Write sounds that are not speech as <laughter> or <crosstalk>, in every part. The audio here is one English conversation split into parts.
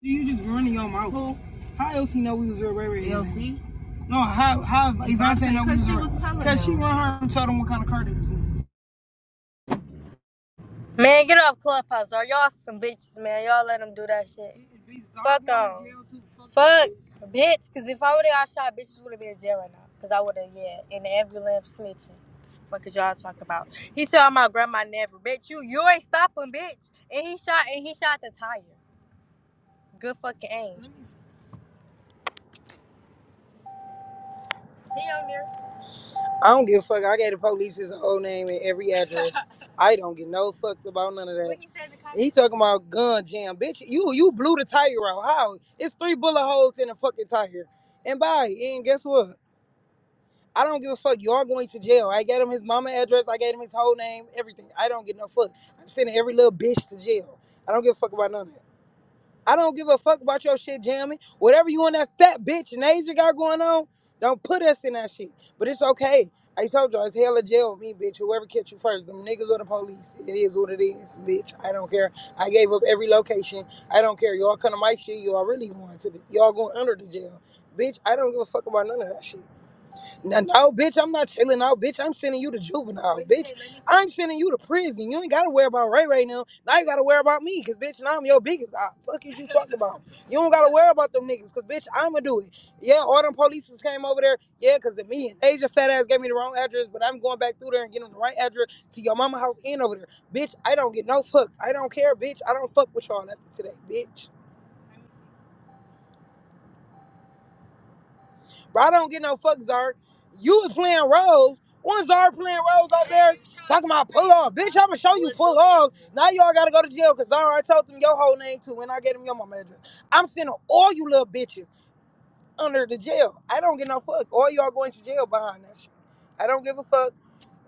You just running your mouth. Who? How else he know we was real Ray Ray? LC? No, how how Evante know we was real? was Cause she run her and told him what kind of car it was in. Man, get off Clubhouse, or y'all some bitches, man. Y'all let them do that shit. Fuck dissolved on. Fuck Fuck, bitch. Cause if I would have got shot, bitches would have been in jail right now. Cause I would have, yeah, in the ambulance snitching. Fuck is y'all talking about? He told my grandma never, bitch. You you ain't stopping, bitch. And he shot and he shot the tire. Good fucking aim. He on there. I don't give a fuck. I gave the police his whole name and every address. <laughs> I don't give no fucks about none of that. What he said the car? He talking about gun jam, bitch. You you blew the tire out. How? It's three bullet holes in the fucking tire. And bye. And guess what? I don't give a fuck. You are going to jail. I gave him his mama address. I gave him his whole name. Everything. I don't get no fuck. I'm sending every little bitch to jail. I don't give a fuck about none of that. I don't give a fuck about your shit jamming. Whatever you and that fat bitch and got going on, don't put us in that shit. But it's okay. I told y'all, it's hell or jail with me, bitch. Whoever catch you first, them niggas or the police. It is what it is, bitch. I don't care. I gave up every location. I don't care. Y'all come to my shit, y'all really going to the, y'all going under the jail. Bitch, I don't give a fuck about none of that shit. No, no, bitch, I'm not chilling out, bitch. I'm sending you to juvenile, bitch. I'm sending you to prison. You ain't gotta worry about Ray Ray now. Now you gotta worry about me, cause bitch, now I'm your biggest op. Fuck is you talking about? You don't gotta worry about them niggas, cause bitch, I'ma do it. Yeah, all them polices came over there. Yeah, cause of me and Asia fat ass gave me the wrong address, but I'm going back through there and getting the right address to your mama house and over there. Bitch, I don't get no fucks. I don't care, bitch. I don't fuck with y'all after today, bitch. Bro, I don't get no fuck, Zard. You was playing roles. One Zard playing roles out there talking about pull off. Bitch, I'ma show you pull off. Now y'all gotta go to jail because Zard, I told them your whole name too when I gave them your mama address. I'm sending all you little bitches under the jail. I don't get no fuck. All y'all going to jail behind that shit. I don't give a fuck.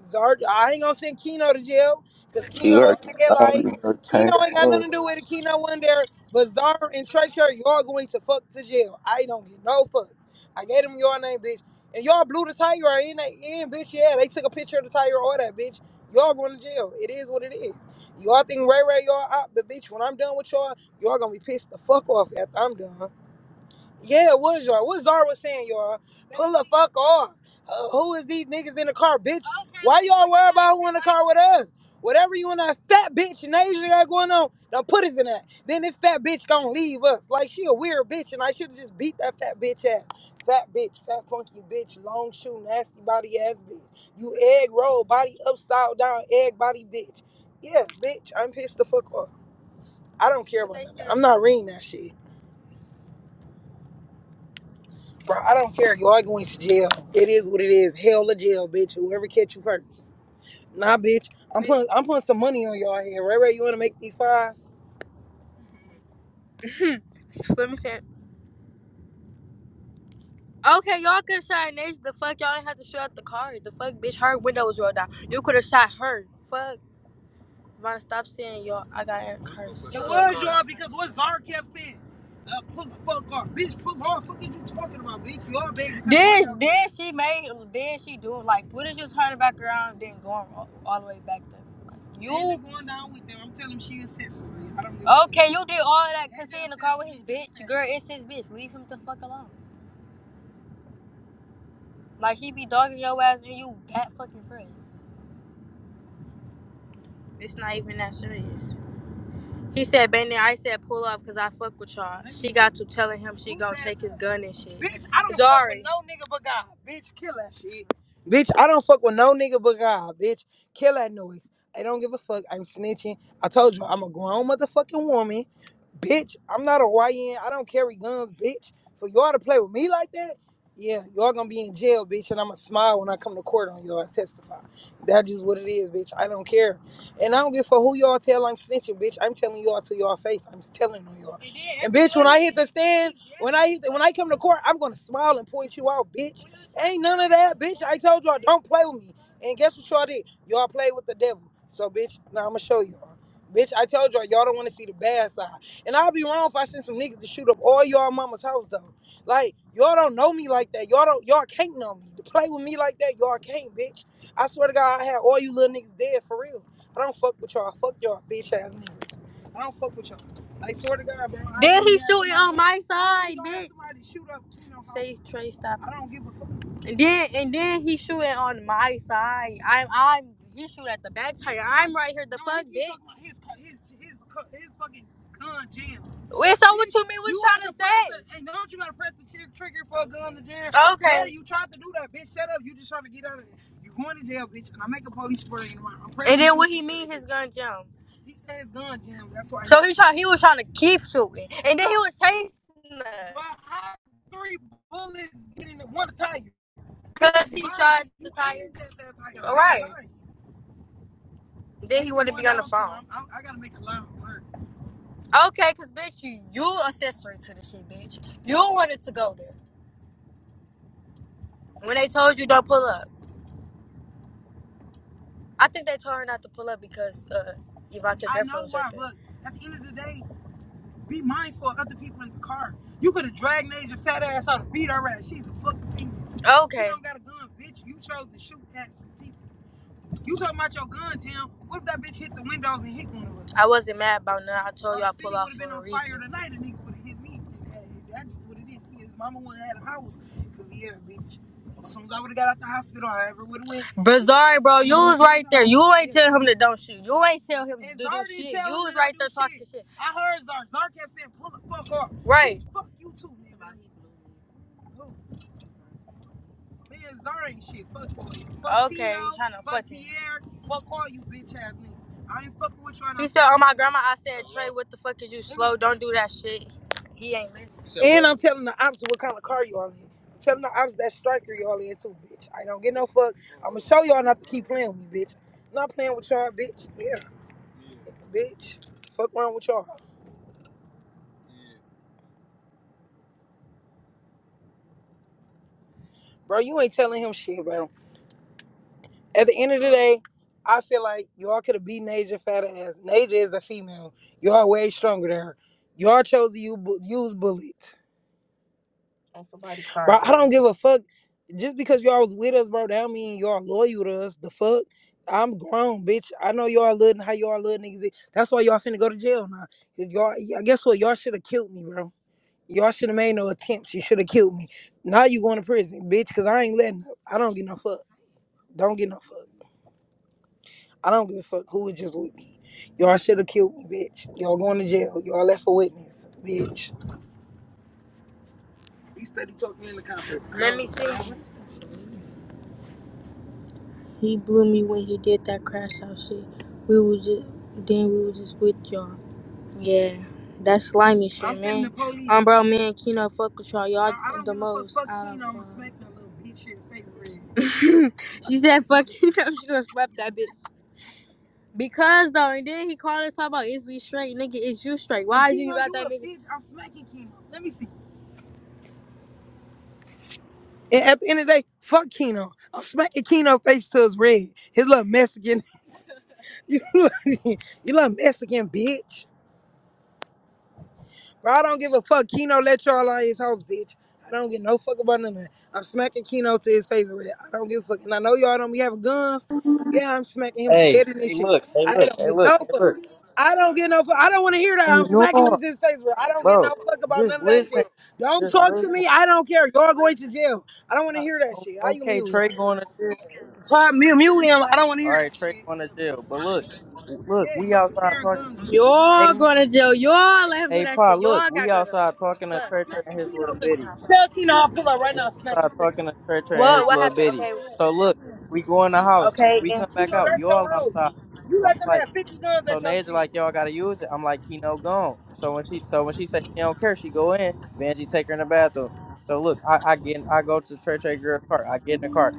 Zard, I ain't gonna send Keno to jail because You heard Keno the ain't sound, you like know it Keno came ain't got from nothing us. to do with it. Keno wasn't there, but Zard and Trey Cherry, y'all going to fuck to jail. I don't get no fucks. I gave them your name, bitch, and y'all blew the tire or in that in, bitch. Yeah, they took a picture of the tire or that, bitch. Y'all going to jail. It is what it is. Y'all think Ray Ray y'all out, but bitch, when I'm done with y'all, y'all gonna be pissed the fuck off after I'm done. Yeah, it was y'all. What Zara was saying, y'all. Pull the fuck off. Uh, who is these niggas in the car, bitch? Why y'all worry about who in the car with us? Whatever you and that fat bitch in Asia got going on, don't put us in that. Then this fat bitch gonna leave us. Like she a weird bitch and I should have just beat that fat bitch ass. Fat bitch, fat funky bitch, long shoe, nasty body ass bitch. You egg roll, body upside down, egg body bitch. Yeah, bitch, I'm pissed the fuck off. I don't care about that. I'm not reading that shit. Bro, I don't care. You are going to jail. It is what it is. Hell or jail, bitch. Whoever catch you first. Nah, bitch. I'm putting I'm putting some money on y'all here. Ray Ray, you wanna make these five? <laughs> Let me see it. Okay, y'all could have shot Nation. The fuck, y'all didn't have to shoot out the car. The fuck, bitch, her window was rolled down. You could have shot her. Fuck. Vaughn, stop saying y'all. I got in a curse. It was y'all because what Zara kept saying. Uh, pull the fuck off, bitch. Pull off. Fuck is you talking about, bitch? Y'all been Then, then she made, then she do like, what is did you turn back around, then going all, all the way back there? Like, you going down with them. I'm telling him she is his I don't give okay? You did all that cause he in the car with his bitch. Girl, it's his bitch. Leave him the fuck alone. Like he be dogging your ass and you that fucking pressed. It's not even that serious. He said, "Been there." I said, "Pull up, cause I fuck with y'all." She got to telling him she Who gonna said take that? his gun and shit. Bitch, I don't Zari. fuck with no nigga but God. Bitch, kill that shit. Bitch, I don't fuck with no nigga but God. Bitch, kill that noise. I don't give a fuck. I'm snitching. I told you, I'm a grown motherfucking woman. Bitch, I'm not a YN. I don't carry guns, bitch. For y'all to play with me like that, yeah, y'all gonna be in jail, bitch. And I'ma smile when I come to court on y'all and testify. That just what it is, bitch. I don't care. And I don't give a fuck who y'all tell I'm snitching, bitch. I'm telling y'all to y'all face. I'm just telling on y'all. And bitch, when I hit the stand, when I hit the, when I come to court, I'm gonna smile and point you out, bitch. Ain't none of that, bitch. I told y'all don't play with me. And guess what y'all did? Y'all played with the devil. So bitch, now I'ma show y'all. Bitch, I told y'all y'all don't want to see the bad side. And I'll be wrong if I send some niggas to shoot up all y'all mama's house though. Like y'all don't know me like that. Y'all don't y'all can't know me. To play with me like that, y'all can't, bitch. I swear to God, I had all you little niggas dead for real. I don't fuck with y'all. Fuck y'all, bitch ass niggas. I don't fuck with y'all. I swear to God, bro. Then know he shooting on my side, bitch. shoot up Tino house. Say Trey, stop I don't give a fuck. And then and then he shooting on my side. I'm I'm he shoot at the back tire. I'm right here. The No, fuck, he, he bitch. his his his his fucking gun jam. Wait, so what you mean? What you trying to say? and don't you gotta press the trigger for a gun to jam? Yeah, Okay. Yeah, you tried to do that, bitch. Shut up. You just trying to get out of it. You going to jail, bitch, and I make a police spray tomorrow. I'm praying. And then what he mean his gun jump. He said his gun jammed. That's why So he try he was trying to keep shooting. And then he was chasing us. But how three bullets get in the one tire? Cause he shot the tire. All right. Then he wanted to be on the phone. i I, gotta make a line for work. Okay, cause bitch, you you accessory to the shit, bitch. You wanted to go there when they told you don't pull up. I think they told her not to pull up because uh, Ivante I Defra know why, but at the end of the day. Be mindful of other people in the car. You could have dragged Nasia fat ass out and beat her ass. She's a fucking female. Okay. She Okay. don't got a gun, bitch. You chose to shoot at some people. You talking about your gun, Tim? What if that bitch hit the windows and hit one of us? I wasn't mad about nothing. I told you I city pull would have for been a on fire tonight, and nigga would have hit me. That's what it is. See, his mama wouldn't have had a house because he had a bitch. As soon as I would have got out the hospital, I ever would have went. But Zari, bro, you was right there. You ain't Yeah. tell him to don't shoot. You ain't tell him to do this shit. You was right there talking shit. I heard Zar. Zar kept saying, pull the fuck off. Right. Bitch, fuck you too, nigga. Me and Zara ain't shit. Fuck all you. Fuck Okay, Tito. trying to Fuck fucking. Pierre. Fuck all you bitch ass niggas. I ain't fucking with you He said, "Oh my grandma." I said, "Trey, what the fuck is you slow? Don't do that shit." He ain't listening." And I'm telling the ops what kind of car y'all in. I'm telling the ops that striker y'all in too, bitch. I don't get no fuck. I'ma show y'all not to keep playing with me, bitch. Not playing with y'all, bitch. Yeah, bitch. Fuck around with y'all. Bro, you ain't telling him shit, bro. At the end of the day, I feel like y'all could have beat Naja fat ass. Naja is a female. Y'all way stronger than her. Y'all chose to u- bu- use bullets. All Bro, right, I don't give a fuck. Just because y'all was with us, bro, that don't mean y'all loyal to us. The fuck? I'm grown, bitch. I know y'all living how y'all little niggas is. That's why y'all finna go to jail now. If Y'all, yeah, guess what? Y'all should have killed me, bro. Y'all should have made no attempts. You should have killed me. Now you going to prison, bitch, because I ain't letting up. I don't get no fuck. Don't get no fuck. I don't give a fuck who was just with me. Y'all should have killed me, bitch. Y'all going to jail. Y'all left a witness, bitch. He steady talking in the conference. Let me see. He blew me when he did that crash out shit. We was just then we was just with y'all. Yeah, that slimy shit, I'm sending the man. police. Um, bro, man, and Keno fuck with y'all. No, Y'all I don't the give most. a fuck. most Fuck Keno. I'm gonna smack that little bitch shit in space bread. <laughs> she said, "Fuck Keno." <laughs> She gonna slap that bitch. Because though, and then he called us talk about is we straight, nigga, is you straight? Why you Keno, about that nigga? bitch. I'm smacking Keno. Let me see. And at the end of the day, fuck Keno. I'm smacking Keno face to his red. His little Mexican. <laughs> You, little- you little Mexican bitch. Bro, I don't give a fuck. Keno let y'all out of his house, bitch. I don't give no fuck about none of that. I'm smacking Keno to his face with it. I don't give a fuck. And I know y'all don't be having guns. Yeah, I'm smacking him Hey, dead in this hey, shit. look, hey, I look, don't hey, get look, no hey, fuck. look. I don't get no fuck. I don't want to hear Hey, that. I'm smacking Nora, him to his face, bro. I don't get no bro, fuck about none just of that listen, shit. Don't just talk to listen. me. I don't care. Y'all going to jail. I don't want to hear that O- shit. How you Okay, mute him? Trey going to jail. Why mute, mute him? I don't want to All hear right, that Trey shit. going to jail. But look, look, Yeah, we y'all outside sharing talking. guns Hey, Y'all going to jail. Y'all let him do hey, that Pa, shit. Y'all look, we got guns over there. outside talking to Fuck. Trey Trey Smack the and his Keno little bitty. Tell Keno I'll pull up right We now smack outside his face. talking to Trey Trey and What? his What little happened? bitty. Okay. So look, we go in the house, Okay. we Yeah. come back Keno, out. that's You all your road. outside. You So I'm let them like. have 50 guns So at your Naja shit. like, yo, I gotta use it. I'm like, Keno gone. So when she so when she say she don't care, she go in. Benji take her in the bathroom. So look, I, I get in, I go to Trey Trey girl cart. I get in the cart.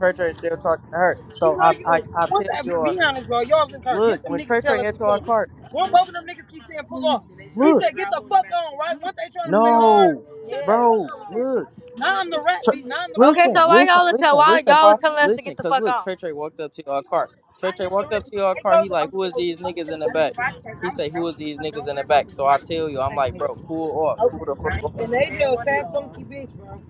Trey Trey still talking to her. You So know I you, I, I what tell the, y'all, be honest, bro. Y'all been hurt. look, Get them when niggas Trey tell Trey us to enter pull our up. cart, One both of them niggas keep saying pull off. He look, said get the fuck on, right? Once they trying to play hard, no, shut the Yeah. fuck bro, up with that shit. look. Now I'm the rat Tre- beat. Now I'm the Okay. Listen, So Why you listen, all was tell listen, why listen, y'all was Pop. telling us to Listen, get the cause fuck look, on? Trey Trey walked up to our car. Trey I Trey am the walked up risk. to your I car. He told you like, I'm the who is police. these I niggas in said the the risk. back? He I'm say, who telling is you, these niggas don't in worry the about back? the So I money. tell you, I'm like, bro, cool off, cool Okay. the fuck off. And they stand did one fat funky bitch, bro.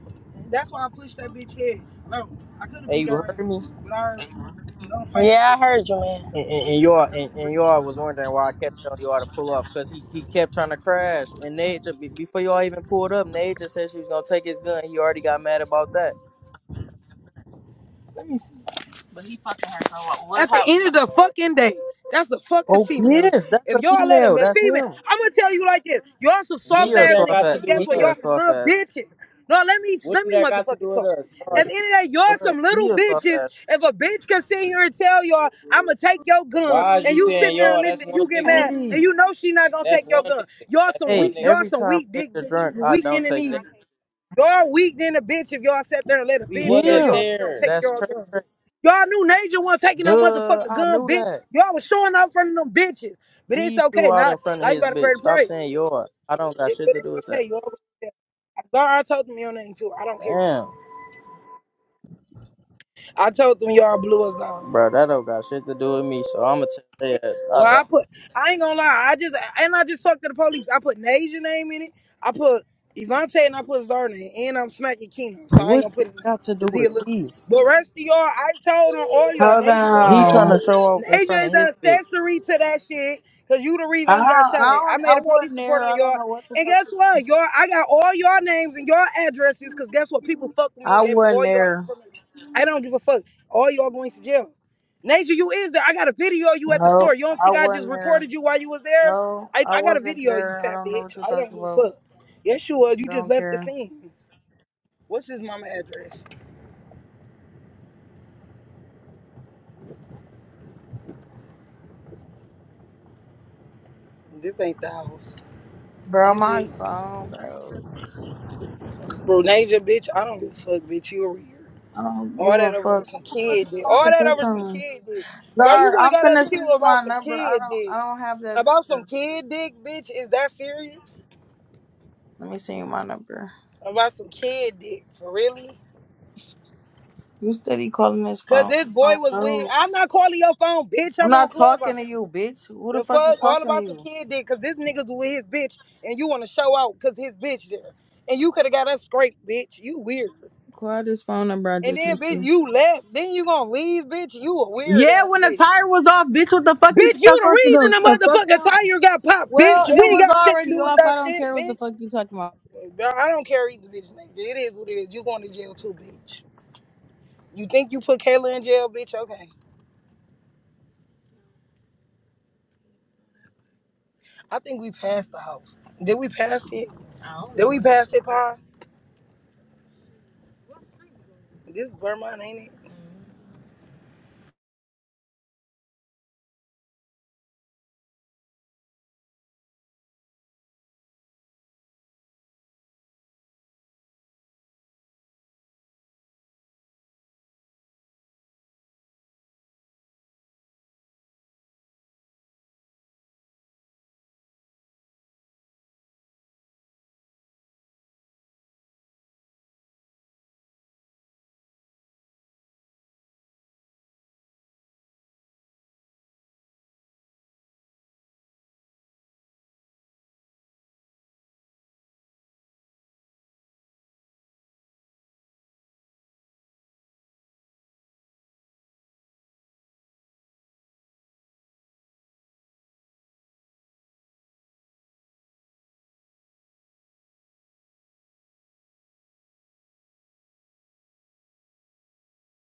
That's why I pushed that bitch head. No, I could have Hey, beat you her ass, heard me? but I heard. Yeah, I heard you, man. And, and, and y'all, and, That's a and y'all was wondering why I kept telling y'all to pull off, cause he, he kept trying to crash. And Nate, ju- be- before y'all even pulled up, Nate just said she was gonna take his gun. He already got mad about that. brick. But he fucking her so what? What At the happened? end of the fucking day, that's a fucking Oh female. yes, that's If a y'all let him female. man, That's female, him. I'm gonna tell you like this: y'all some He soft do a did ass that soft got niggas. ass. to Cause do He guess with us? what? a Y'all some soft little ass bitches. No, let me What let do me that got to do motherfucking with talk. us? Y'all, At the you- end of the day, y'all some little He a soft bitches. ass. If a bitch can sit here and tell y'all, I'ma take your gun, Why is and you you sit saying there y'all? and That's listen, you one get nigga. mad, Hey, and you know she not gonna take That's your one gun. nigga. Y'all That's one some hey. weak, nigga. y'all Every some time weak dick niggas bitches. drunk, You I weak in don't the take knees. that. Y'all weak than a bitch if y'all sat there and let a We bitch wasn't tell Him. y'all she gonna there. take That's y'all Trey gun. Trey. Y'all knew Nature wasn't taking no Duh. motherfucking I gun, knew bitch. that. Y'all was showing up in front of them bitches. But it's He okay. threw out Now, in front of now you his gotta pray bitch. to Stop pray. saying yours. I don't got It- shit but to do it's with that. okay. You over there. I told them your name too. I don't care. Damn, I told them y'all blew us down. bro. That don't got shit to do with me. So I'ma tell you, that I Well, I don't. put. I ain't gonna lie. I just and I just talked to the police. I put Nasia name in it. I put Evante and I put Zarna, in and I'm smacking Keno, so I ain't What gonna put that his name got to do because he a with little. me? But rest of y'all, I told on all y'all. Hold Nasia going to He jail trying to on. too. show off in front Nasia of is his an bitch. accessory to that shit because you the I reason we got I shot at. I don't, made I a wasn't police report there. on I don't y'all, know what the and fuck. guess you- what, y'all? I got all y'all names and y'all addresses because guess what? People fucked with me I and gave me wasn't all y'all there. information. I don't give a fuck. All y'all going to jail. Nature, you is there. I got a video of you at the No, store. You don't I think I just wasn't there. recorded you while you was there? So I, I I got a wasn't video of you, there. I fat don't know bitch. what you're I don't talking give a about. fuck. Yes, you was. You just Don't left the care, scene. What's his mama address? This ain't the house. bro. Is My it? phone, bro. Bro, Nature, bitch, I don't give a fuck, bitch. You over here. I don't All give that a over fuck. How some the fuck kid dick. All you fucking that over some FaceTime? kid dick. Bro, you Gar, would have I'm got us finna killed send you about my some number. I kid don't. dick. I don't have that About some number. kid dick, bitch? Is that serious? Let me send you my number. About some kid dick. For really? You steady calling this Cause phone? this boy Oh was with. no. I'm not calling your phone, bitch. I'm I'm on not talking Clubhouse. to you, bitch. Who the The fuck fuck, is all talking to about some you? kid did. Cause this nigga's with his bitch, and you want to show out cause his bitch there, and you could have got us scraped, bitch. You weird. Call this phone number I And just then, sent bitch, you. you left. Then you gonna leave, bitch. You a weird Yeah, ass when the bitch. tire was off, bitch, what the fuck you Bitch, think I'm you the supposed to do? reason Get the the fuck motherfucking out. tire got popped, bitch. Well, We it ain't was got shit to already do with off. I that don't shit, care what the bitch. fuck you talking about. Bro, I don't care either, bitch. Nigga. It is what it is. You going to jail too, bitch. You think you put Kayla in jail, bitch? Okay. I think we passed the house. Did we pass it? I don't know. Did we pass it, Pa? This Vermont, ain't it?